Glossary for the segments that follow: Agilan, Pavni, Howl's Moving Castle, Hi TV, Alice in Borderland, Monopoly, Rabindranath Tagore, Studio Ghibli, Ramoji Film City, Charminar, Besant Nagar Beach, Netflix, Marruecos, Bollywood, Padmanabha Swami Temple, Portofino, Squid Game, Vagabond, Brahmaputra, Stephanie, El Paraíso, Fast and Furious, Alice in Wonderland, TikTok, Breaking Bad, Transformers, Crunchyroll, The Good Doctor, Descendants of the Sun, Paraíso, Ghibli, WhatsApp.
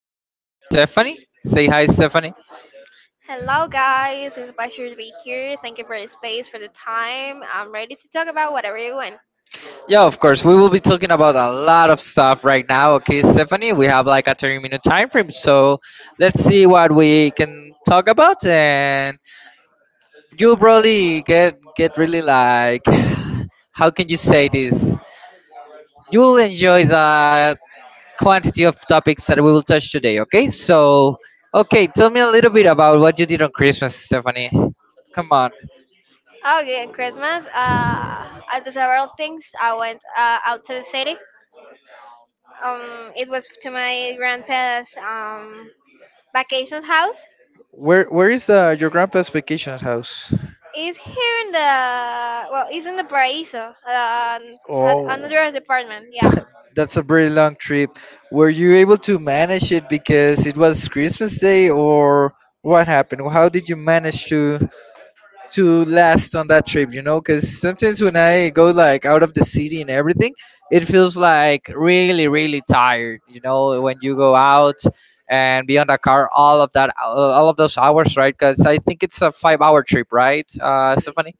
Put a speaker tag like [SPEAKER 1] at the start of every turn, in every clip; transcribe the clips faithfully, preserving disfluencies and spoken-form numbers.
[SPEAKER 1] She's called Stephanie. Say hi, Stephanie.
[SPEAKER 2] Hello, guys. It's a pleasure to be here. Thank you for the space, for the time. I'm ready to talk about whatever you want.
[SPEAKER 1] Yeah, of course, we will be talking about a lot of stuff right now. Okay, Stephanie, we have like a thirty minute time frame, so let's see what we can talk about. And you'll probably get, get really like, how can you say this? You'll enjoy the quantity of topics that we will touch today, okay? So, okay, tell me a little bit about what you did on Christmas, Stephanie. Come on.
[SPEAKER 2] Okay, and Christmas. Uh, I did several things. I went uh, out to the city. Um, it was to my grandpa's um vacations house.
[SPEAKER 1] Where where is uh, your grandpa's vacation house?
[SPEAKER 2] It's here in the Well, it's in the Paraíso, um, at
[SPEAKER 1] Oh.
[SPEAKER 2] another apartment. Yeah,
[SPEAKER 1] That's a very long trip. Were you able to manage it because it was Christmas Day, or what happened? How did you manage to? to last on that trip, you know, because sometimes when I go like out of the city and everything, it feels like really, really tired, you know, when you go out and be on the car all of that, uh, all of those hours, right? Because I think it's a five hour trip, right, uh, Stephanie?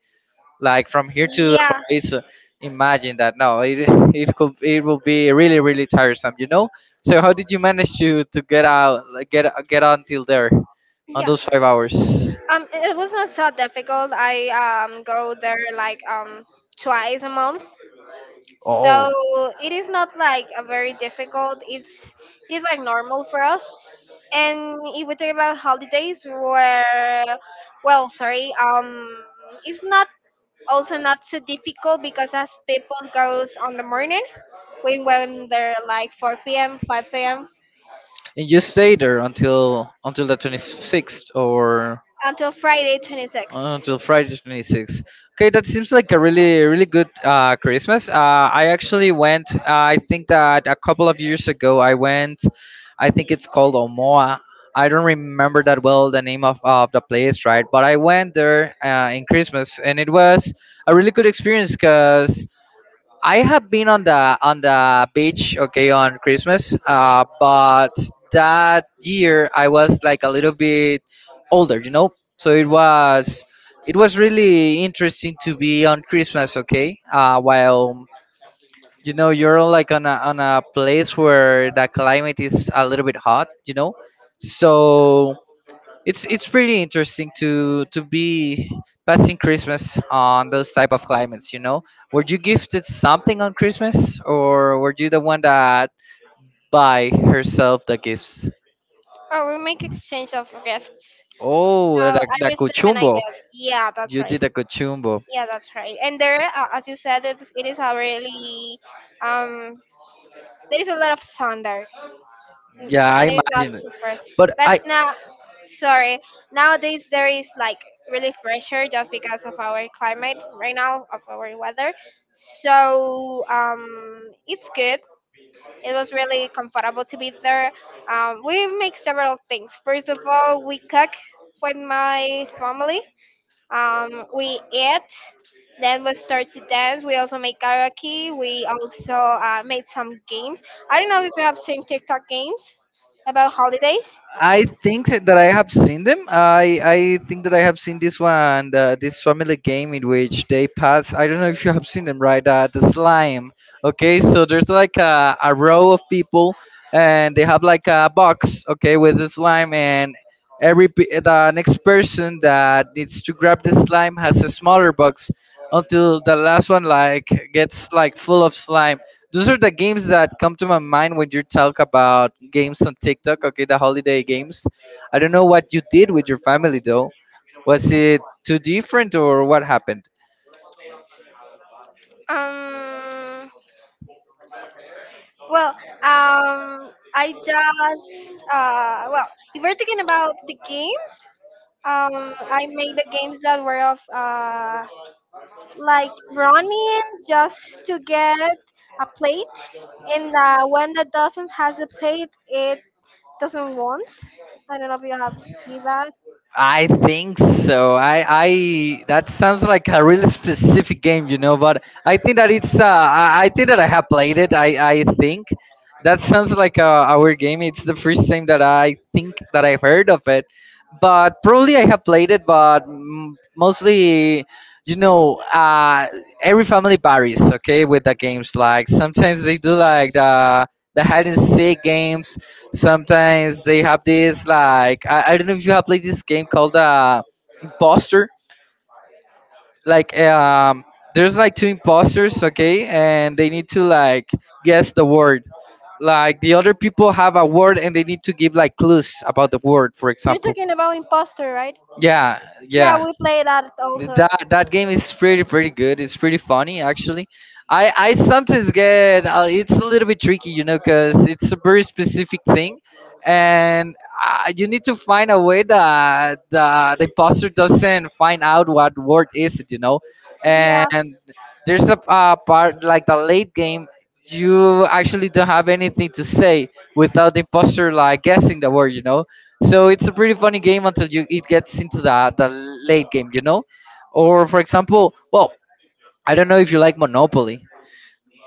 [SPEAKER 1] Like from here to the
[SPEAKER 2] yeah,
[SPEAKER 1] place, uh, imagine that. No, it, it could, it will be really, really tiresome, you know? So how did you manage to, to get out, like, get, get until there on
[SPEAKER 2] yeah.
[SPEAKER 1] those five hours?
[SPEAKER 2] Um, it was not so difficult. I um go there like um twice a month.
[SPEAKER 1] Oh.
[SPEAKER 2] So it is not like a very difficult. It's it is like normal for us. And if we talk about holidays, where well, sorry, um, it's not also not so difficult because as people goes on the morning, when when they're like four p m, five p m
[SPEAKER 1] And you stay there until until the twenty-sixth or
[SPEAKER 2] until Friday
[SPEAKER 1] uh,
[SPEAKER 2] twenty-sixth.
[SPEAKER 1] until Friday the twenty-sixth. Okay, that seems like a really really good uh, Christmas. Uh, I actually went. Uh, I think that a couple of years ago I went. I think it's called Omoa. I don't remember that well the name of, of the place, right? But I went there uh, in Christmas, and it was a really good experience because I have been on the on the beach, okay, on Christmas. Uh, but that year I was like a little bit older, you know. So it was it was really interesting to be on Christmas, okay. Uh, while you know you're like on a on a place where the climate is a little bit hot, you know. So it's it's pretty interesting to to be passing christmas on those type of climates, you know. Were you gifted something on christmas, or were you the one that buy herself the gifts?
[SPEAKER 2] Oh, we make exchange of gifts.
[SPEAKER 1] Oh,
[SPEAKER 2] So
[SPEAKER 1] the,
[SPEAKER 2] I
[SPEAKER 1] the
[SPEAKER 2] receive and I
[SPEAKER 1] cuchumbo.
[SPEAKER 2] give. Yeah, that's
[SPEAKER 1] You
[SPEAKER 2] right.
[SPEAKER 1] did the cuchumbo.
[SPEAKER 2] Yeah, that's right. And there, uh, as you said, it, it is a really um, there is a lot of sun there. Mm,
[SPEAKER 1] Yeah, I
[SPEAKER 2] and it's not
[SPEAKER 1] imagine it.
[SPEAKER 2] super.
[SPEAKER 1] But
[SPEAKER 2] But
[SPEAKER 1] I
[SPEAKER 2] now, sorry, nowadays there is like really fresher just because of our climate right now of our weather. So um, it's good. It was really comfortable to be there. Um, we make several things. First of all, we cook with my family. Um, we eat, then we start to dance. We also make karaoke. We also uh, made some games. I don't know if you have seen TikTok games about holidays.
[SPEAKER 1] I think that I have seen them. I I think that I have seen this one, the, this family game in which they pass. I don't know if you have seen them, right? Uh, the slime. Okay, so there's like a, a row of people, and they have like a box, okay, with the slime, and every pe- the next person that needs to grab the slime has a smaller box until the last one like gets like full of slime. Those are the games that come to my mind when you talk about games on TikTok. Okay, the holiday games. I don't know what you did with your family though. Was it too different or what happened?
[SPEAKER 2] Um, well, um, I just, uh, well, if we're talking about the games, um, I made the games that were of, uh, like running just to get a plate, and the one that doesn't has the plate, it doesn't want. I don't know if you have seen that.
[SPEAKER 1] I think so. I, I that sounds like a really specific game, you know. But I think that it's. Uh, I, I think that I have played it. I, I think that sounds like a, a weird game. It's the first time that I think that I've heard of it. But probably I have played it, but mm, mostly, you know, uh, every family varies. Okay, with the games, like, sometimes they do like the the hide and seek games. Sometimes they have this like, I, I don't know if you have played this game called uh imposter, like, um there's like two imposters, okay, and they need to like guess the word, like the other people have a word and they need to give like clues about the word, for
[SPEAKER 2] You're
[SPEAKER 1] example.
[SPEAKER 2] talking about Imposter, right?
[SPEAKER 1] Yeah.
[SPEAKER 2] Yeah,
[SPEAKER 1] Yeah.
[SPEAKER 2] we play that also.
[SPEAKER 1] That that game is pretty pretty good. It's pretty funny, actually. I I sometimes get uh, it's a little bit tricky, you know, because it's a very specific thing, and uh, you need to find a way that the the imposter doesn't find out what word is it, you know.
[SPEAKER 2] Yeah,
[SPEAKER 1] And there's a uh, part, like the late game, you actually don't have anything to say without the imposter like guessing the word, you know. So it's a pretty funny game until you it gets into the the late game, you know. Or for example, well, I don't know if you like Monopoly.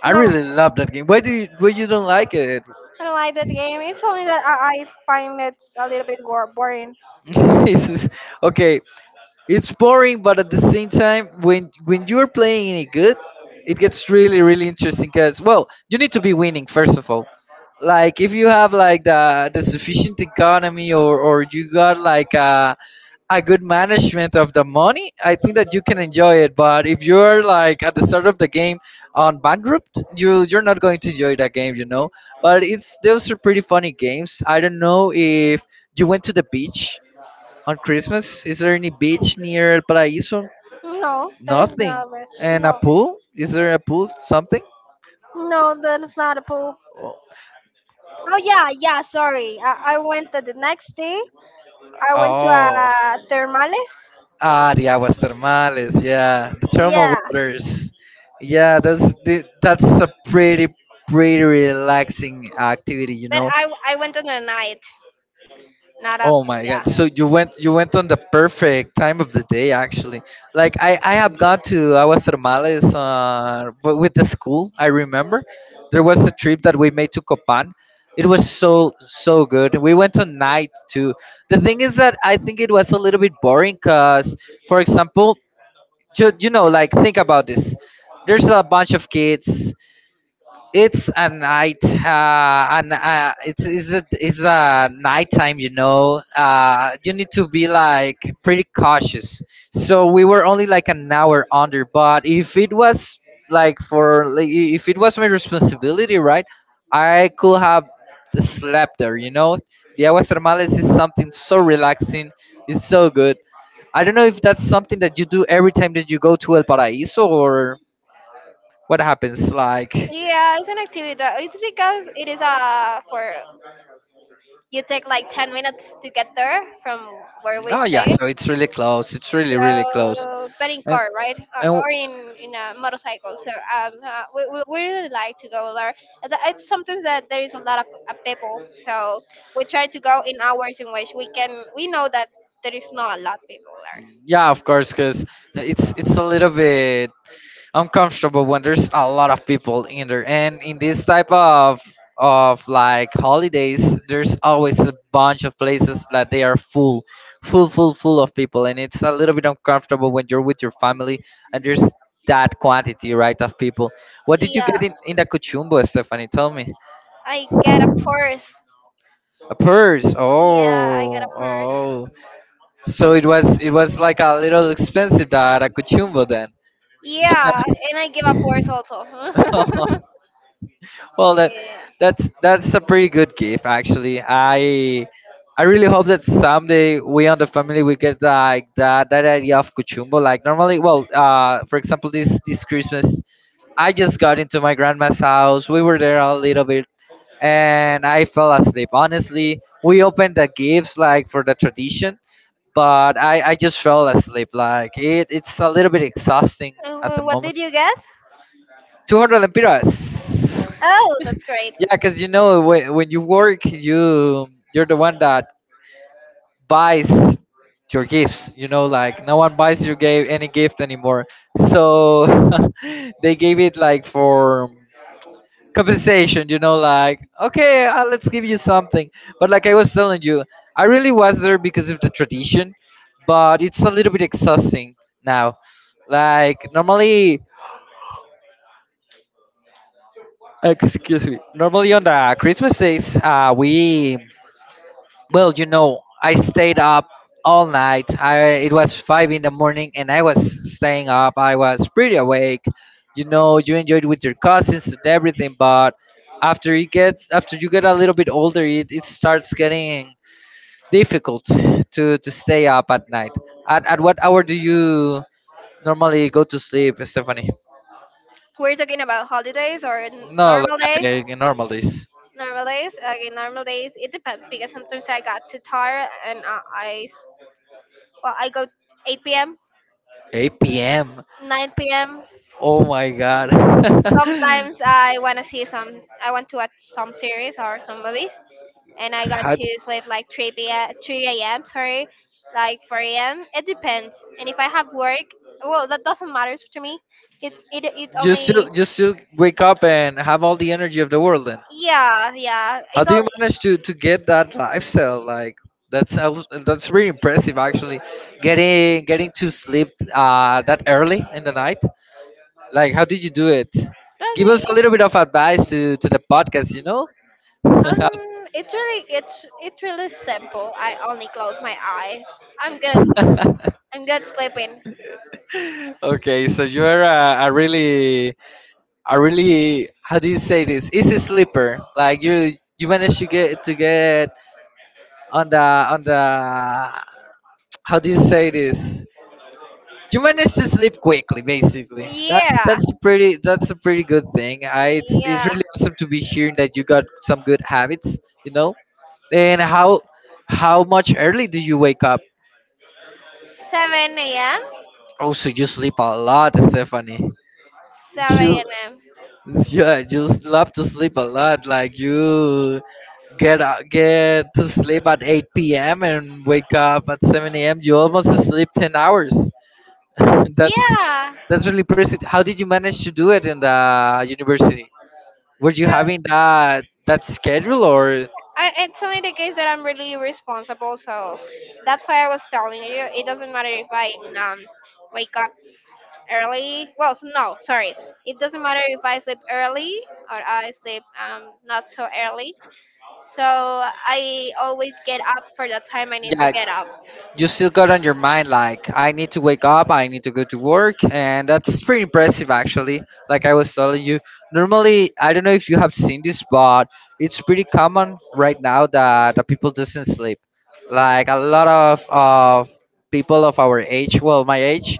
[SPEAKER 1] I
[SPEAKER 2] no,
[SPEAKER 1] really love that game. Why do you why you don't like it?
[SPEAKER 2] I don't like that game. It's only that I, I find it a little bit war- boring.
[SPEAKER 1] It's- okay, it's boring, but at the same time, when when you're playing it good, it gets really really interesting. Cause well, you need to be winning, first of all. Like if you have like the the sufficient economy or or you got like a. a good management of the money, I think that you can enjoy it. But if you're like at the start of the game on bankrupt, you you're not going to enjoy that game, you know. But it's those are pretty funny games. I don't know if you went to the beach on Christmas. Is there any beach near El Paraíso?
[SPEAKER 2] No, there's
[SPEAKER 1] Nothing.
[SPEAKER 2] not much.
[SPEAKER 1] And a
[SPEAKER 2] No,
[SPEAKER 1] pool? Is there a pool? Something?
[SPEAKER 2] no, that's not a pool. Oh, yeah, yeah. Sorry, I, I went to the next day. I went to
[SPEAKER 1] Oh.
[SPEAKER 2] uh, Thermales.
[SPEAKER 1] Ah, the aguas termales, yeah, the thermal
[SPEAKER 2] Yeah,
[SPEAKER 1] waters. Yeah, that's the, that's a pretty pretty relaxing activity, you
[SPEAKER 2] but
[SPEAKER 1] know.
[SPEAKER 2] I I went on a night, not at,
[SPEAKER 1] Oh my
[SPEAKER 2] yeah.
[SPEAKER 1] God. So you went you went on the perfect time of the day, actually. Like I I have gone to aguas termales uh w- with the school. I remember there was a trip that we made to Copan. It was so so good. We went on night too. The thing is that I think it was a little bit boring, cuz, for example, Ju- you know, like, think about this, there's a bunch of kids, it's a night, uh, and uh, it's it's a, it's a nighttime, you know. Uh you need to be like pretty cautious, so we were only like an hour under, but if it was like for like, I- if it was my responsibility, right, I could have slept there, you know. The aguas termales is something so relaxing, it's so good. I don't know if that's something that you do every time that you go to El Paraíso, or what happens. Like,
[SPEAKER 2] Yeah, it's an activity. that- It's because it is uh for you take like ten minutes to get there from where we
[SPEAKER 1] oh yeah,
[SPEAKER 2] stay.
[SPEAKER 1] so it's really close. It's really really close.
[SPEAKER 2] So, but in
[SPEAKER 1] And.
[SPEAKER 2] car, right? Uh,
[SPEAKER 1] And
[SPEAKER 2] or in in a motorcycle. So um, uh, we, we we really like to go there. And that- it's sometimes that there is a lot of uh, people, so we try to go in hours in which we can. We know that there is not a lot of people there.
[SPEAKER 1] yeah, of course, because it's it's a little bit, I'm comfortable when there's a lot of people in there, and in this type of of like holidays, there's always a bunch of places that they are full, full, full, full of people, and it's a little bit uncomfortable when you're with your family and there's that quantity, right, of people. What did you
[SPEAKER 2] Yeah,
[SPEAKER 1] get in in the Cochumbo, Stephanie? Tell me.
[SPEAKER 2] I get a purse.
[SPEAKER 1] A purse.
[SPEAKER 2] Yeah, I get a
[SPEAKER 1] Oh,
[SPEAKER 2] purse.
[SPEAKER 1] oh. So it was it was like a little expensive that a Cochumbo then.
[SPEAKER 2] Yeah, and I gave up words also.
[SPEAKER 1] Well, that
[SPEAKER 2] Yeah.
[SPEAKER 1] that's that's a pretty good gift, actually. I I really hope that someday we on the family we get like that that idea of kuchumbo. Like normally, well, uh, for example, this this Christmas, I just got into my grandma's house. We were there a little bit, and I fell asleep. Honestly, we opened the gifts like for the tradition, but I I just fell asleep. Like it it's a little bit exhausting at the
[SPEAKER 2] Uh, What
[SPEAKER 1] moment.
[SPEAKER 2] did you get?
[SPEAKER 1] Two hundred lempiras.
[SPEAKER 2] Oh, that's great.
[SPEAKER 1] Yeah, because you know, when, when you work, you you're the one that buys your gifts. You know, like no one buys you gave any gift anymore. So they gave it like for compensation. You know, like, okay, uh, let's give you something. But like I was telling you, I really was there because of the tradition, but it's a little bit exhausting now. Like normally, excuse me, normally on the Christmas days, uh, we well, you know, I stayed up all night. I it was five in the morning, and I was staying up. I was pretty awake. You know, you enjoyed with your cousins and everything, but after you get after you get a little bit older, it, it starts getting difficult to to stay up at night. At at what hour do you normally go to sleep, Stephanie?
[SPEAKER 2] We're talking about holidays or n-
[SPEAKER 1] No,
[SPEAKER 2] normal days.
[SPEAKER 1] like normal days.
[SPEAKER 2] Normal days. Okay, normal days. It depends because sometimes I got too tired and I, I s- well, I go eight p m,
[SPEAKER 1] eight p m.
[SPEAKER 2] nine p m.
[SPEAKER 1] Oh my God.
[SPEAKER 2] Sometimes I wanna see some. I want to watch some series or some movies. And I got
[SPEAKER 1] How?
[SPEAKER 2] to sleep like three p m three a m. Sorry, like four a m. It depends. And if I have work, well, that doesn't matter to me. It's it it
[SPEAKER 1] You still
[SPEAKER 2] only,
[SPEAKER 1] you still wake up and have all the energy of the world then.
[SPEAKER 2] yeah, yeah,
[SPEAKER 1] How
[SPEAKER 2] it
[SPEAKER 1] do you
[SPEAKER 2] only
[SPEAKER 1] manage to to get that lifestyle? Like that's al- that's really impressive, actually. Getting getting to sleep uh that early in the night. Like how did you do it? Give
[SPEAKER 2] doesn't.
[SPEAKER 1] us a little bit of advice to to the podcast, you know?
[SPEAKER 2] um it's really it's it's really simple. I only close my eyes. I'm good. I'm good sleeping.
[SPEAKER 1] Okay, so you're a, a really a really how do you say this? Easy sleeper. Like you you manage to get to get on the on the how do you say this? You manage to sleep quickly, basically. That's
[SPEAKER 2] Yeah,
[SPEAKER 1] that's a pretty that's a pretty good thing. I it's it's
[SPEAKER 2] yeah.
[SPEAKER 1] really awesome to be hearing that you got some good habits, you know. And how how much early do you wake up?
[SPEAKER 2] seven a m
[SPEAKER 1] Oh, so you sleep a lot, Stephanie. You
[SPEAKER 2] seven a m.
[SPEAKER 1] yeah, you love to sleep a lot. Like you get out, get to sleep at eight p m and wake up at seven a m. You almost sleep ten hours. that's
[SPEAKER 2] Yeah.
[SPEAKER 1] that's really impressive. How did you manage to do it in the university? Were you having that that schedule, or
[SPEAKER 2] I, it's only the case that I'm really responsible, so that's why I was telling you it doesn't matter if I um wake up early. Well, s- no, sorry, it doesn't matter if I sleep early or I sleep um not so early. So I always get up for the time I need to
[SPEAKER 1] yeah,
[SPEAKER 2] get up.
[SPEAKER 1] you still got on your mind like I need to wake up, I need to go to work, and that's pretty impressive actually. Like I was telling you, normally I don't know if you have seen this, but it's pretty common right now that the people doesn't sleep. Like a lot of of people of our age, well my age,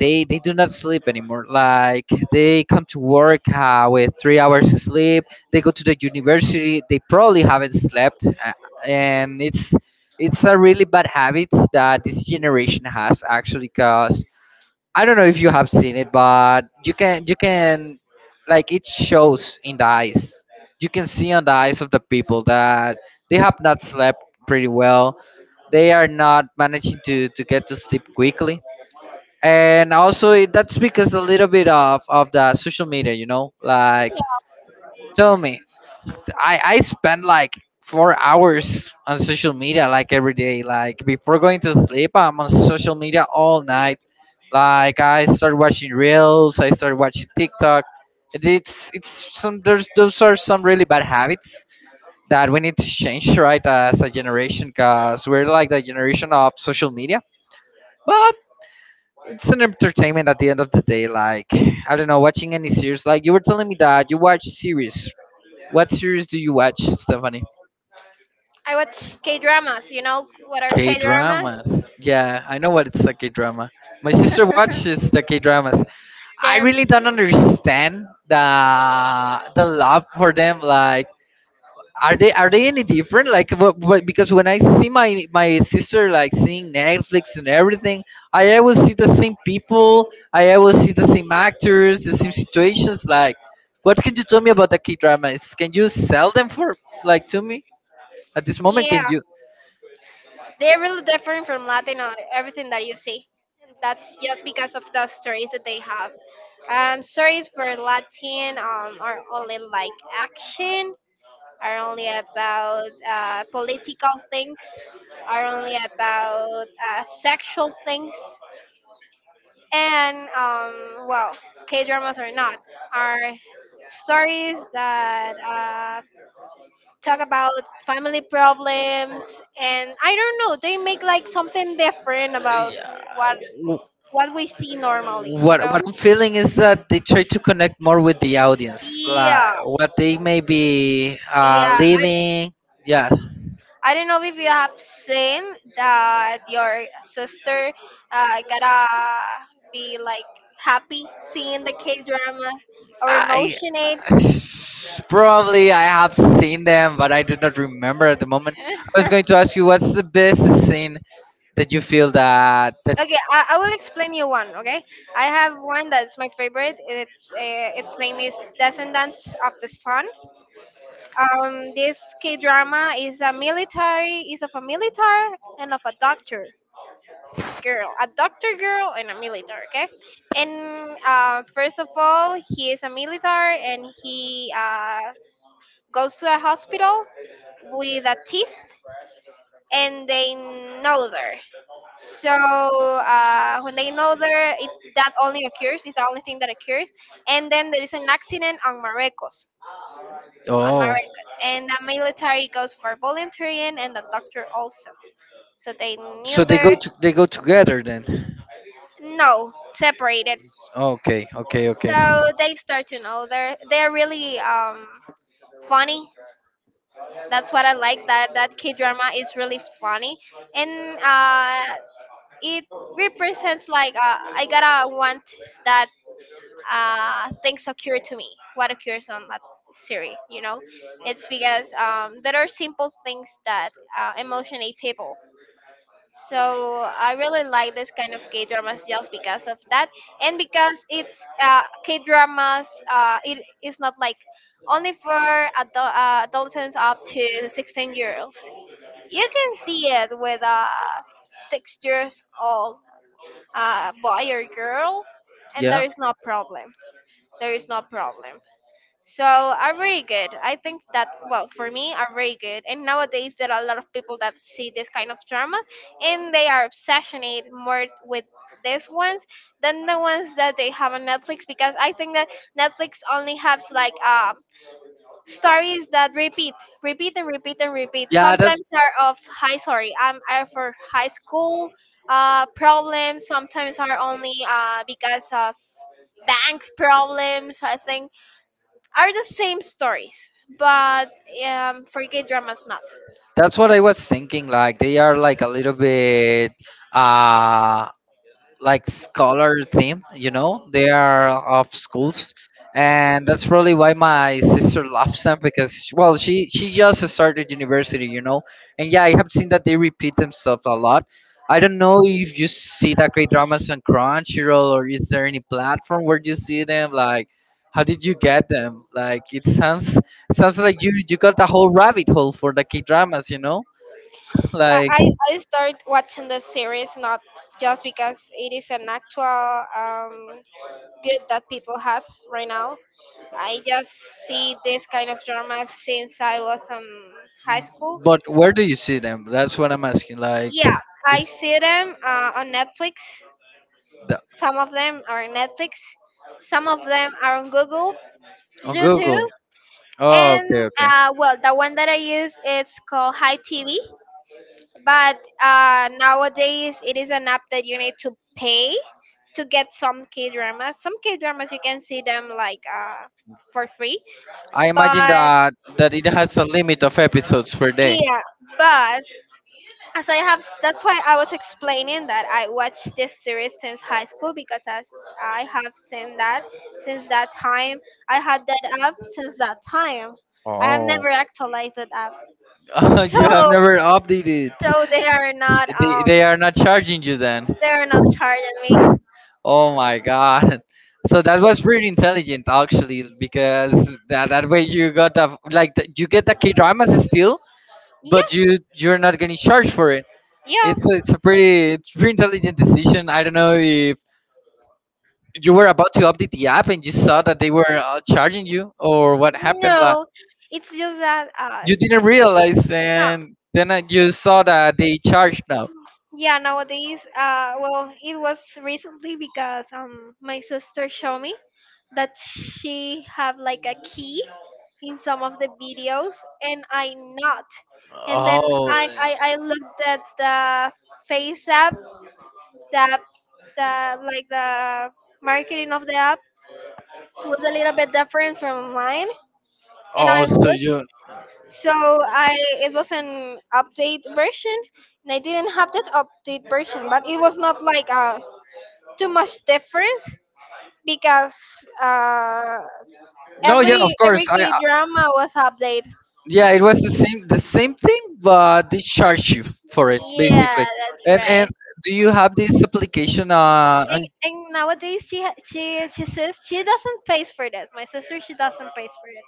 [SPEAKER 1] they they do not sleep anymore like they come to work uh, with three hours of sleep. They go to the university. They probably haven't slept uh, and it's it's a really bad habit that this generation has actually. Because I don't know if you have seen it, but you can you can like it shows in the eyes. You can see on the eyes of the people that they have not slept pretty well. They are not managing to to get to sleep quickly. And also it, that's because a little bit of of the social media, you know. Like tell me, i i spend like four hours on social media, like every day. Like before going to sleep, I'm on social media all night. Like I start watching reels, I start watching TikTok. It- it's it's some there's Those are some really bad habits that we need to change, right? As a generation, because we're like the generation of social media. But it's an entertainment at the end of the day. Like I don't know, watching any series. Like you were telling me that you watch series. What series do you watch, Stephanie?
[SPEAKER 2] I watch K dramas. You know what are
[SPEAKER 1] K
[SPEAKER 2] K dramas?
[SPEAKER 1] dramas. Yeah, I know what it's a K drama. My sister watches the K dramas. I
[SPEAKER 2] They're
[SPEAKER 1] really don't understand the the love for them. Like are they are they any different? Like what, what? Because when I see my my sister like seeing Netflix and everything, I always see the same people, I always see the same actors, the same situations. Like, what can you tell me about the K dramas? Can you sell them for like to me at this moment? Can
[SPEAKER 2] Yeah,
[SPEAKER 1] you?
[SPEAKER 2] they're really different from Latin or everything that you see. That's just because of the stories that they have. Um, stories for Latin um, are only like action, are only about uh, political things, are only about uh, sexual things. And um, well, K dramas are not, are stories that uh, talk about family problems, and I don't know, they make like something different about
[SPEAKER 1] Yeah,
[SPEAKER 2] what
[SPEAKER 1] w-
[SPEAKER 2] what we see normally, you
[SPEAKER 1] what
[SPEAKER 2] know?
[SPEAKER 1] what I'm feeling is that they try to connect more with the audience, like
[SPEAKER 2] Yeah,
[SPEAKER 1] what they may be uh
[SPEAKER 2] yeah. I,
[SPEAKER 1] living. Yeah.
[SPEAKER 2] I don't know if you have seen that your sister uh, gotta be like happy seeing the K dramas or
[SPEAKER 1] I
[SPEAKER 2] emotionate.
[SPEAKER 1] probably I have seen them, but I do not remember at the moment. I was going to ask you what's the best scene that you feel that that
[SPEAKER 2] Okay, I, I will explain you one. Okay, I have one that's my favorite. It's uh, Its name is Descendants of the Sun. Um, this K drama is a military is of a military and of a doctor girl, a doctor girl and a military. Okay, and uh, first of all, he is a military and he uh, goes to a hospital with a thief, and they know her. So uh, when they know there, it that only occurs. Is the only thing that occurs. And then there is an accident on Marecos, on
[SPEAKER 1] oh,
[SPEAKER 2] Marecos, and the military goes for volunteering, and the doctor also. So they knew
[SPEAKER 1] so they go
[SPEAKER 2] their,
[SPEAKER 1] to, they go together then.
[SPEAKER 2] no, separated.
[SPEAKER 1] Okay, okay, okay.
[SPEAKER 2] So they start to know they're they're really um funny. That's what I like. That that K drama is really funny, and uh, it represents like uh, I gotta want that uh, things occur to me what occurs on that Siri, you know. It's because um, there are simple things that uh, emotionate people, so I really like this kind of K dramas just because of that. And because it's uh, K dramas, uh, it is not like only for adult, uh, adolescents up to sixteen year olds. You can see it with a six years old uh, boy or girl, and there
[SPEAKER 1] Yeah.
[SPEAKER 2] is no problem. There is no problem. So are very good. I think that, well, for me are very good. And nowadays there are a lot of people that see this kind of drama, and they are obsessionate more with these ones than the ones that they have on Netflix, because I think that Netflix only has like um stories that repeat, repeat and repeat and repeat.
[SPEAKER 1] Yeah, that's
[SPEAKER 2] Sometimes are of high sorry, um are for high school uh problems, sometimes are only uh because of bank problems, I think, are the same stories, but um, for gay dramas not.
[SPEAKER 1] that's what I was thinking. Like they are like a little bit uh like scholar theme, you know. They are of schools, and that's probably why my sister loves them, because well she she just started university, you know. And yeah, I have seen that they repeat themselves a lot. I don't know if you see that great dramas on Crunchyroll, or is there any platform where you see them? Like, how did you get them? Like it sounds sounds like you you got the whole rabbit hole for the K dramas, you know.
[SPEAKER 2] I,
[SPEAKER 1] Like,
[SPEAKER 2] I I start watching the series not just because it is an actual um, good that people has right now. I just see this kind of dramas since I was in high school.
[SPEAKER 1] but where do you see them? That's what I'm asking. Like
[SPEAKER 2] Yeah, I see them uh, on Netflix.
[SPEAKER 1] the,
[SPEAKER 2] Some of them are on Netflix. Some of them are on Google,
[SPEAKER 1] on Google.
[SPEAKER 2] YouTube,
[SPEAKER 1] Oh, okay,
[SPEAKER 2] and
[SPEAKER 1] okay.
[SPEAKER 2] uh, well, the one that I use is called Hi T V. But uh, nowadays, it is an app that you need to pay to get some K dramas. Some K dramas you can see them like uh, for free.
[SPEAKER 1] I imagine
[SPEAKER 2] But
[SPEAKER 1] that that it has a limit of episodes per day.
[SPEAKER 2] yeah, but as I have, that's why I was explaining that I watched this series since high school, because as I have seen that since that time, I had that app since that time. I have
[SPEAKER 1] Oh,
[SPEAKER 2] never actualized that app,
[SPEAKER 1] you have
[SPEAKER 2] so
[SPEAKER 1] never updated.
[SPEAKER 2] so they are not
[SPEAKER 1] They,
[SPEAKER 2] um
[SPEAKER 1] they are not charging you then.
[SPEAKER 2] they are not charging me.
[SPEAKER 1] Oh my god. So that was pretty intelligent actually. Because that, that way you got the like the, you get the K dramas still,
[SPEAKER 2] Yeah.
[SPEAKER 1] but you you're not getting charged for it.
[SPEAKER 2] Yeah,
[SPEAKER 1] It's a, it's a pretty it's pretty intelligent decision. I don't know if you were about to update the app and you saw that they were uh, charging you, or what happened. Yeah. Like
[SPEAKER 2] no, it's just that uh
[SPEAKER 1] you didn't realize,
[SPEAKER 2] no,
[SPEAKER 1] and then uh, you saw that they charged now.
[SPEAKER 2] yeah, nowadays uh well it was recently because um my sister showed me that she have like a key in some of the videos, and I not, and then
[SPEAKER 1] Oh,
[SPEAKER 2] I I, I looked at the face app that the like the marketing of the app was a little bit different from mine, and
[SPEAKER 1] oh,
[SPEAKER 2] I
[SPEAKER 1] so
[SPEAKER 2] looked.
[SPEAKER 1] you?
[SPEAKER 2] So I It was an update version, and I didn't have that update version, but it was not like uh, too much difference because uh,
[SPEAKER 1] No, yeah, of
[SPEAKER 2] every
[SPEAKER 1] course.
[SPEAKER 2] every
[SPEAKER 1] I I-
[SPEAKER 2] K drama was updated.
[SPEAKER 1] yeah, it was the same the same thing, but they charge you for it basically.
[SPEAKER 2] Yeah, that's
[SPEAKER 1] And and
[SPEAKER 2] right.
[SPEAKER 1] do you have this application uh,
[SPEAKER 2] And,
[SPEAKER 1] on?
[SPEAKER 2] and nowadays she ha- she she says she doesn't pay for this. My sister, she doesn't pay for it,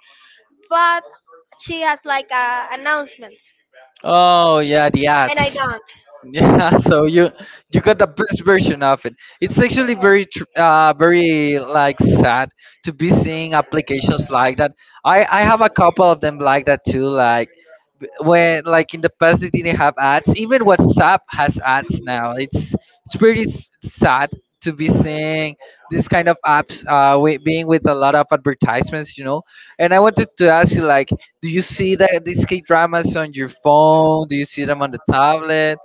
[SPEAKER 2] but she has like uh, announcements,
[SPEAKER 1] Oh yeah, the
[SPEAKER 2] and I
[SPEAKER 1] ads.
[SPEAKER 2] don't.
[SPEAKER 1] Yeah, so you you got the best version of it. It's actually very tr- uh very like sad to be seeing applications like that. I I have a couple of them like that too. Like when like in the past they didn't have ads. Even WhatsApp has ads now. It's it's pretty s- sad to be seeing this kind of apps uh wi- being with a lot of advertisements, you know. And I wanted to ask you like, do you see that these K dramas on your phone? Do you see them on the tablet?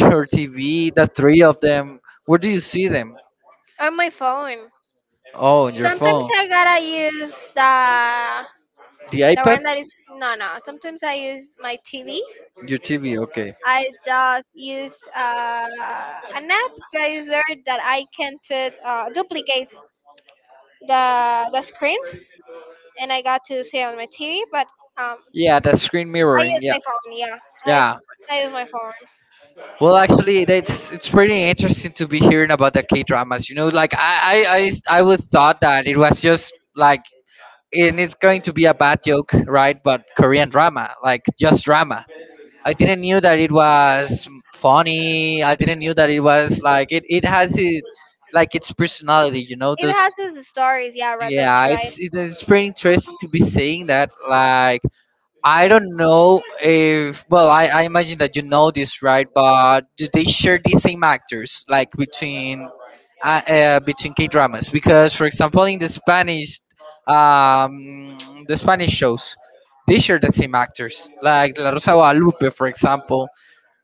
[SPEAKER 1] Your T V, the three of them. Where do you see them?
[SPEAKER 2] On my phone.
[SPEAKER 1] Oh, on your
[SPEAKER 2] Sometimes
[SPEAKER 1] phone.
[SPEAKER 2] I gotta use the.
[SPEAKER 1] The
[SPEAKER 2] The one
[SPEAKER 1] iPad?
[SPEAKER 2] that is, no, no. Sometimes I use my T V.
[SPEAKER 1] Your T V, okay.
[SPEAKER 2] I just use uh, an app that is there that I can put uh, duplicate the the screens, and I got to see on my T V. But um,
[SPEAKER 1] Yeah, the screen
[SPEAKER 2] I
[SPEAKER 1] mirroring.
[SPEAKER 2] use
[SPEAKER 1] Yeah,
[SPEAKER 2] my phone. Yeah, I use,
[SPEAKER 1] yeah.
[SPEAKER 2] I use my phone.
[SPEAKER 1] Well, actually, that's it's pretty interesting to be hearing about the K dramas. You know, like I I I I would thought that it was just like, and it's going to be a bad joke, right? But Korean drama, like just drama. I didn't knew that it was funny. I didn't knew that it was like it, it has it, like its personality. You know,
[SPEAKER 2] It
[SPEAKER 1] those
[SPEAKER 2] has its stories. Yeah, right. That's
[SPEAKER 1] yeah,
[SPEAKER 2] right.
[SPEAKER 1] it's it is pretty interesting to be saying that. Like, I don't know if well, I, I imagine that you know this, right? But do they share the same actors like between uh, uh between K dramas? Because for example, in the Spanish, um, the Spanish shows, they share the same actors. Like La Rosa de Guadalupe, for example.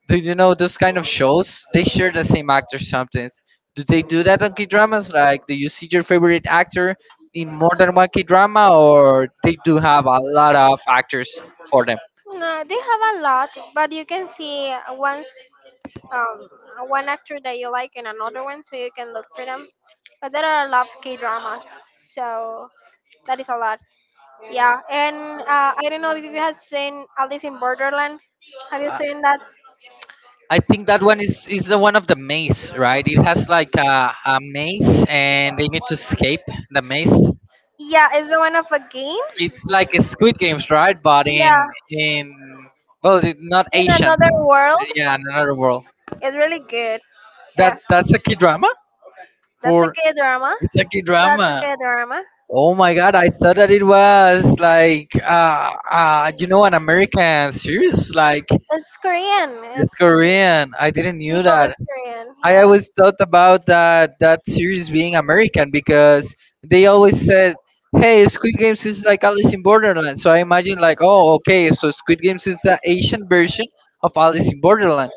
[SPEAKER 1] Do you know those kind of shows? They share the same actor sometimes. Do they do that on K dramas? Like, do you see your favorite actor in more than one K drama, or they do have a lot of actors for them?
[SPEAKER 2] No, they have a lot, but you can see once. um, One actor that you like and another one, so you can look for them. But there are a lot of K dramas, so that is a lot. Yeah, and uh, I don't know if you have seen Alice in Borderland. Have you
[SPEAKER 1] I
[SPEAKER 2] seen that?
[SPEAKER 1] I think that one is is the one of the maze, right? It has like a, a maze, and they need to escape the maze.
[SPEAKER 2] Yeah, it's the one of the games.
[SPEAKER 1] It's like a Squid Games, right? But
[SPEAKER 2] Yeah,
[SPEAKER 1] in in well, it- not
[SPEAKER 2] in
[SPEAKER 1] Asian.
[SPEAKER 2] another world.
[SPEAKER 1] Yeah, in another world.
[SPEAKER 2] It's really good.
[SPEAKER 1] That
[SPEAKER 2] Yes,
[SPEAKER 1] that's a key drama,
[SPEAKER 2] that's a
[SPEAKER 1] or
[SPEAKER 2] K drama.
[SPEAKER 1] it's a key
[SPEAKER 2] That's a
[SPEAKER 1] drama.
[SPEAKER 2] K drama.
[SPEAKER 1] Oh my god, I thought that it was like uh, uh you know an American series like
[SPEAKER 2] It's Korean.
[SPEAKER 1] it's
[SPEAKER 2] It's
[SPEAKER 1] Korean. I didn't knew
[SPEAKER 2] people is
[SPEAKER 1] that.
[SPEAKER 2] Korean.
[SPEAKER 1] I
[SPEAKER 2] Yeah.
[SPEAKER 1] always thought about that that series being American because they always said, "Hey, Squid Games is like Alice in Borderland." So I imagine like, "Oh, okay, so Squid Games is the Asian version of Alice in Borderland."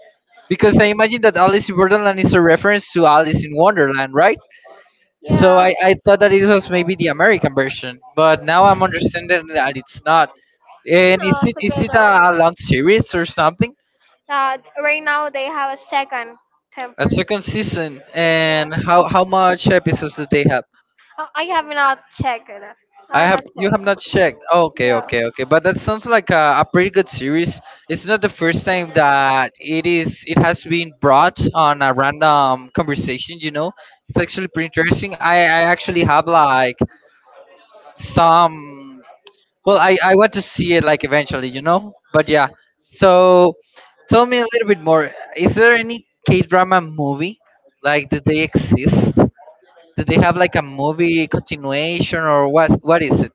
[SPEAKER 1] Because I imagine that Alice in Borderland is a reference to Alice in Wonderland, right? So
[SPEAKER 2] Yeah.
[SPEAKER 1] I, I thought that it was maybe the American version, but now I'm understanding that it's not. And
[SPEAKER 2] No,
[SPEAKER 1] is it
[SPEAKER 2] it's a
[SPEAKER 1] is
[SPEAKER 2] good.
[SPEAKER 1] it
[SPEAKER 2] Um,
[SPEAKER 1] a, long series or something?
[SPEAKER 2] uh, right now they have a second
[SPEAKER 1] A
[SPEAKER 2] temper.
[SPEAKER 1] second season,
[SPEAKER 2] Yeah.
[SPEAKER 1] and how how much episodes do they have?
[SPEAKER 2] Oh, I have not checked it.
[SPEAKER 1] I
[SPEAKER 2] I have not
[SPEAKER 1] have you
[SPEAKER 2] checked.
[SPEAKER 1] have not checked. Okay,
[SPEAKER 2] Yeah.
[SPEAKER 1] okay, okay. But that sounds like a, a pretty good series. It's not the first time that it is. It has been brought on a random conversation. You know, it's actually pretty interesting. I I actually have like some. Well, I, I want to see it like eventually, you know? But yeah. So tell me a little bit more. Is there any K drama movie? Like do they exist? Do they have like a movie continuation, or what what is it?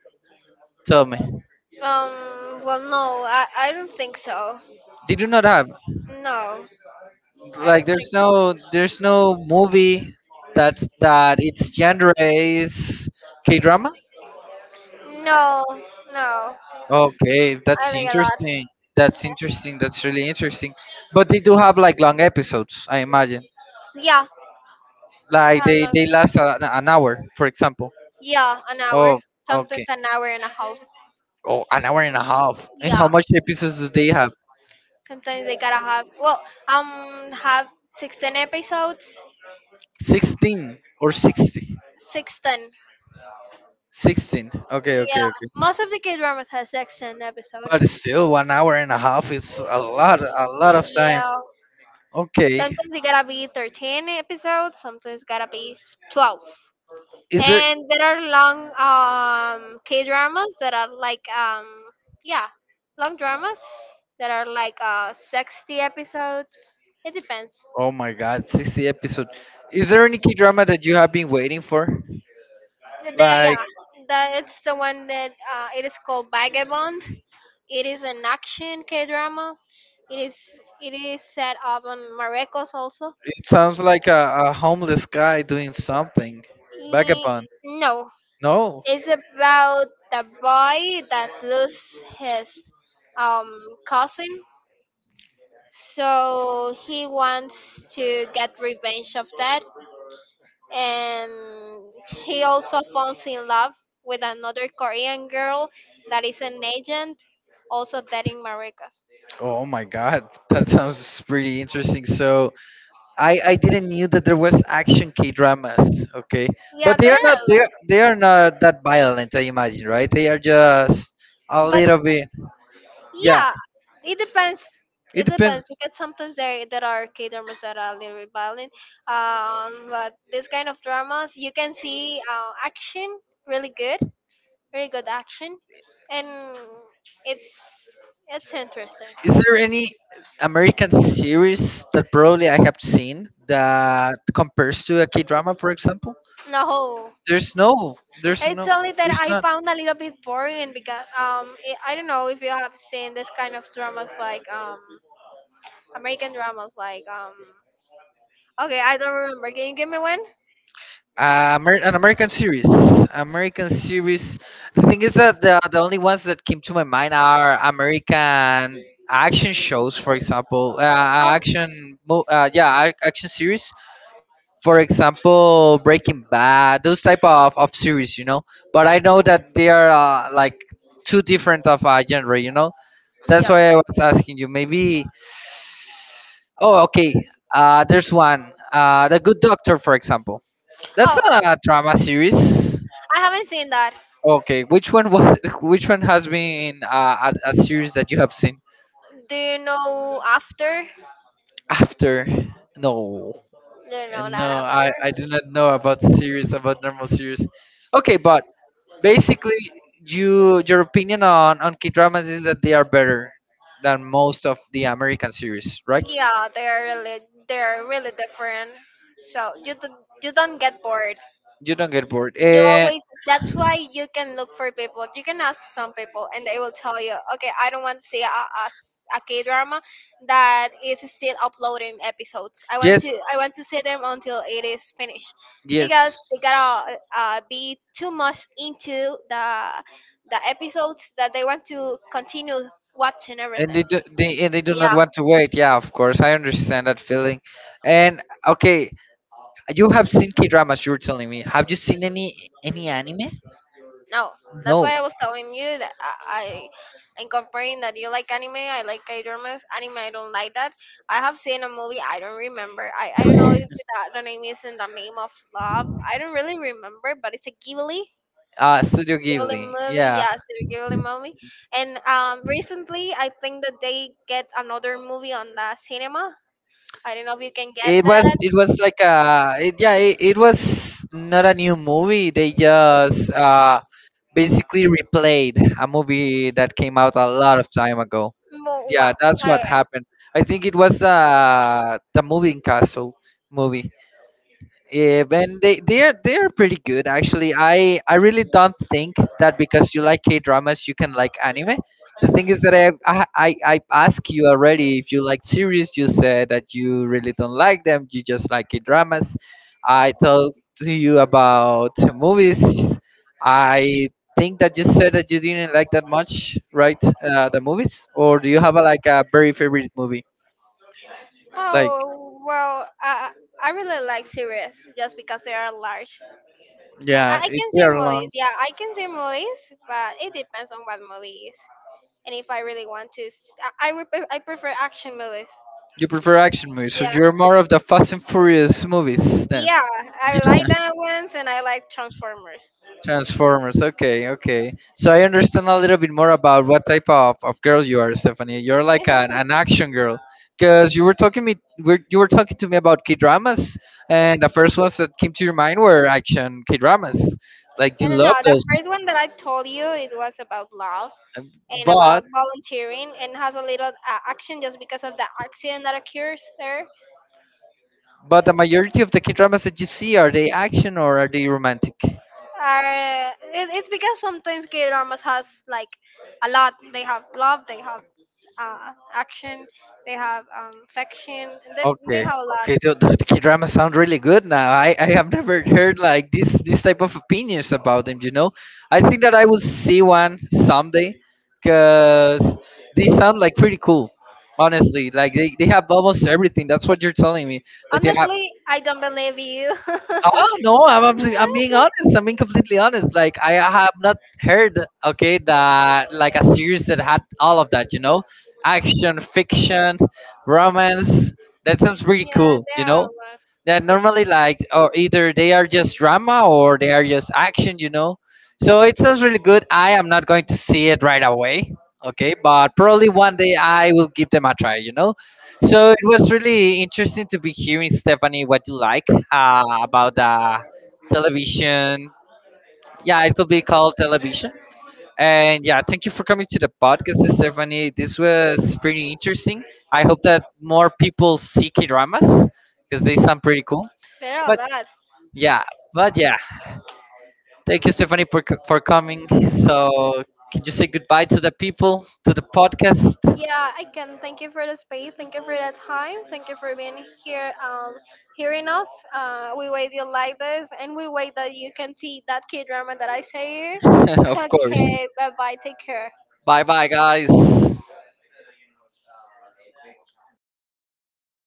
[SPEAKER 1] Tell me.
[SPEAKER 2] Um. Well, no, I, I don't think so.
[SPEAKER 1] They do not have.
[SPEAKER 2] No, I don't
[SPEAKER 1] Like there's
[SPEAKER 2] think.
[SPEAKER 1] no there's no movie that's that its genre is K drama?
[SPEAKER 2] No, no.
[SPEAKER 1] Okay,
[SPEAKER 2] I
[SPEAKER 1] that's
[SPEAKER 2] think a lot.
[SPEAKER 1] interesting. That's
[SPEAKER 2] Yeah.
[SPEAKER 1] interesting. That's really interesting. But they do have like long episodes, I imagine.
[SPEAKER 2] Yeah.
[SPEAKER 1] Like
[SPEAKER 2] Yeah.
[SPEAKER 1] they
[SPEAKER 2] Like,
[SPEAKER 1] they last an, an hour, for example.
[SPEAKER 2] yeah. An hour.
[SPEAKER 1] Oh,
[SPEAKER 2] Sometimes
[SPEAKER 1] okay.
[SPEAKER 2] an hour and a half.
[SPEAKER 1] Oh, an hour and a half. And
[SPEAKER 2] Yeah.
[SPEAKER 1] how much episodes do they have?
[SPEAKER 2] Sometimes they gotta have well, um, have sixteen episodes.
[SPEAKER 1] Sixteen or sixty?
[SPEAKER 2] Sixteen.
[SPEAKER 1] Sixteen. Okay, okay,
[SPEAKER 2] Yeah,
[SPEAKER 1] okay.
[SPEAKER 2] most of the K dramas has sixteen
[SPEAKER 1] But
[SPEAKER 2] episodes.
[SPEAKER 1] still, one hour and a half is a lot, a lot of time.
[SPEAKER 2] Yeah,
[SPEAKER 1] Okay.
[SPEAKER 2] sometimes it gotta be thirteen episodes. Sometimes gotta be twelve.
[SPEAKER 1] Is there?
[SPEAKER 2] And there are long um K dramas that are like um yeah long dramas that are like uh sixty episodes. It depends.
[SPEAKER 1] Oh my God, sixty episode. Is there any key drama that you have been waiting for?
[SPEAKER 2] The
[SPEAKER 1] Like
[SPEAKER 2] yeah the It's the one that uh it is called Vagabond. It is an action K drama. It is it is set up on Marruecos also.
[SPEAKER 1] it sounds like a, a homeless guy doing something.
[SPEAKER 2] Eh,
[SPEAKER 1] Vagabond.
[SPEAKER 2] no,
[SPEAKER 1] No.
[SPEAKER 2] it's about the boy that loses his um cousin. So he wants to get revenge of that, and he also falls in love with another Korean girl that is an agent, also that in Marruecos.
[SPEAKER 1] Oh my god, that sounds pretty interesting. So I I didn't knew that there was action K dramas. Okay,
[SPEAKER 2] Yeah,
[SPEAKER 1] but they
[SPEAKER 2] there are
[SPEAKER 1] are not
[SPEAKER 2] a
[SPEAKER 1] they
[SPEAKER 2] lot,
[SPEAKER 1] are, they are not that violent. I imagine, right? They are just a
[SPEAKER 2] but
[SPEAKER 1] little bit. Yeah,
[SPEAKER 2] yeah, it depends.
[SPEAKER 1] it
[SPEAKER 2] It depends
[SPEAKER 1] depends.
[SPEAKER 2] because sometimes there there are K dramas that are a little bit violent. Um, but this kind of dramas you can see uh, action really good, really good action, and it's it's interesting.
[SPEAKER 1] Is there any American series that probably I have seen that compares to a K drama, for example?
[SPEAKER 2] No,
[SPEAKER 1] There's no, there's
[SPEAKER 2] it's
[SPEAKER 1] no,
[SPEAKER 2] only that
[SPEAKER 1] there's
[SPEAKER 2] I
[SPEAKER 1] not.
[SPEAKER 2] found a little bit boring because um it, I don't know if you have seen this kind of dramas like um American dramas like um okay, I don't remember. Can you give me one?
[SPEAKER 1] Uh, Amer- an American series. American series. The thing is that the, the only ones that came to my mind are American action shows, for example, uh,
[SPEAKER 2] Um,
[SPEAKER 1] action, mo- uh, yeah, ac- action series. For example, Breaking Bad, those type of, of series, you know. But I know that they are uh, like two different of uh, genre, you know. That's
[SPEAKER 2] yeah.
[SPEAKER 1] why I was asking you. Maybe. Oh, okay. Uh, there's one. Uh, The Good Doctor, for example. That's
[SPEAKER 2] Oh,
[SPEAKER 1] a drama series.
[SPEAKER 2] I haven't seen that.
[SPEAKER 1] Okay, which one was which one has been uh, a, a series that you have seen
[SPEAKER 2] Do you know after?
[SPEAKER 1] after? No,
[SPEAKER 2] Do you know that
[SPEAKER 1] no,
[SPEAKER 2] after?
[SPEAKER 1] I I do not know about series, about normal series. Okay, but basically, you your opinion on on K dramas is that they are better than most of the American series, right?
[SPEAKER 2] Yeah, they are really they are really different. So you don't you don't get bored.
[SPEAKER 1] You don't get bored.
[SPEAKER 2] You
[SPEAKER 1] Uh,
[SPEAKER 2] always, that's why you can look for people. You can ask some people and they will tell you, okay, I don't want to see a, a, s- a K drama that is still uploading episodes. I want to
[SPEAKER 1] yes,
[SPEAKER 2] i want to see them until it is finished, because
[SPEAKER 1] yes,
[SPEAKER 2] they gotta uh, be too much into the the episodes that they want to continue watching
[SPEAKER 1] and
[SPEAKER 2] everything.
[SPEAKER 1] they do, they and they do not
[SPEAKER 2] Yeah.
[SPEAKER 1] want to wait. Yeah, of course, I understand that feeling. And okay, you have seen K dramas. You were telling me. Have you seen any any anime?
[SPEAKER 2] No, that's
[SPEAKER 1] No.
[SPEAKER 2] why I was telling you that I, I am comparing that you like anime, I like K dramas. Anime, I don't like that. I have seen a movie, I don't remember. I, I don't know if that the name is In the Name of Love. I don't really remember, but it's a Ghibli.
[SPEAKER 1] Uh, Studio
[SPEAKER 2] Ghibli
[SPEAKER 1] Ghibli.
[SPEAKER 2] movie,
[SPEAKER 1] Yeah.
[SPEAKER 2] yes, the Ghibli movie. And um, recently, I think that they get another movie on the cinema. I don't know if you can get
[SPEAKER 1] It was
[SPEAKER 2] that.
[SPEAKER 1] it was like a it, yeah it, it was not a new movie. They just uh basically replayed a movie that came out a lot of time ago.
[SPEAKER 2] Mo-
[SPEAKER 1] Yeah,
[SPEAKER 2] Wow.
[SPEAKER 1] that's
[SPEAKER 2] Okay.
[SPEAKER 1] what happened. I think it was the the moving castle movie. Yeah, and they they're they're pretty good actually. I I really don't think that because you like K dramas you can like anime. The thing is that I, I I I asked you already if you like series. You said that you really don't like them. You just like K dramas. I talked to you about movies. I think that you said that you didn't like that much, right? Uh, the movies, or do you have a, like a very favorite movie? Like
[SPEAKER 2] Oh well, I I really like series just because they are large.
[SPEAKER 1] yeah,
[SPEAKER 2] I, I
[SPEAKER 1] it's
[SPEAKER 2] can see
[SPEAKER 1] very long.
[SPEAKER 2] movies. Yeah, I can see movies, but it depends on what movie is. And if I really want to, s- I I, would pre- I prefer action movies.
[SPEAKER 1] You prefer action movies, so
[SPEAKER 2] Yeah,
[SPEAKER 1] you're more of the Fast and Furious movies then.
[SPEAKER 2] yeah, I
[SPEAKER 1] Yeah.
[SPEAKER 2] like that ones, and I like Transformers.
[SPEAKER 1] Transformers. Okay, okay. So I understand a little bit more about what type of, of girl you are, Stephanie. You're like an, an action girl, because you were talking me were- you were talking to me about K dramas, and the first ones that came to your mind were action K dramas. Like you
[SPEAKER 2] And no,
[SPEAKER 1] love
[SPEAKER 2] the
[SPEAKER 1] those,
[SPEAKER 2] first one that I told you it was about love
[SPEAKER 1] um,
[SPEAKER 2] and
[SPEAKER 1] but
[SPEAKER 2] about volunteering, and has a little uh, action just because of the accident that occurs there.
[SPEAKER 1] but the majority of the K dramas that you see, are they action or are they romantic?
[SPEAKER 2] Are it, it's because sometimes K dramas has like a lot. They have love, they have uh, action, they have um, affection, and they they
[SPEAKER 1] Okay,
[SPEAKER 2] have a lot.
[SPEAKER 1] okay. The, the K-drama sound really good now. I, I have never heard like this this type of opinions about them. You know, I think that I will see one someday, cause they sound like pretty cool. Honestly, like they, they have almost everything. That's what you're telling me. Like they have.
[SPEAKER 2] Honestly, I don't believe you.
[SPEAKER 1] Oh no, I'm, I'm I'm being honest. I'm being completely honest. Like I have not heard okay that like a series that had all of that. You know, action, fiction, romance. That sounds pretty
[SPEAKER 2] Yeah,
[SPEAKER 1] cool.
[SPEAKER 2] they
[SPEAKER 1] You
[SPEAKER 2] have a
[SPEAKER 1] know.
[SPEAKER 2] lot.
[SPEAKER 1] That normally, like, or either they are just drama or they are just action, you know. So it sounds really good. I am not going to see it right away, okay, but probably one day I will give them a try, you know. So it was really interesting to be hearing, Stephanie, what you like uh, about the television. Yeah, it could be called television. And yeah, thank you for coming to the podcast, Stephanie. This was pretty interesting. I hope that more people see K dramas because they sound pretty cool.
[SPEAKER 2] There are a
[SPEAKER 1] But
[SPEAKER 2] lot.
[SPEAKER 1] yeah, but yeah, thank you, Stephanie, for c- for coming. So, can you say goodbye to the people, to the podcast?
[SPEAKER 2] Yeah, I can. Thank you for the space. Thank you for the time. Thank you for being here, um, hearing us. Uh, we wait you like this, and we wait that you can see that K drama that I say.
[SPEAKER 1] Of course.
[SPEAKER 2] Okay, bye bye. Take care.
[SPEAKER 1] Bye, bye, guys.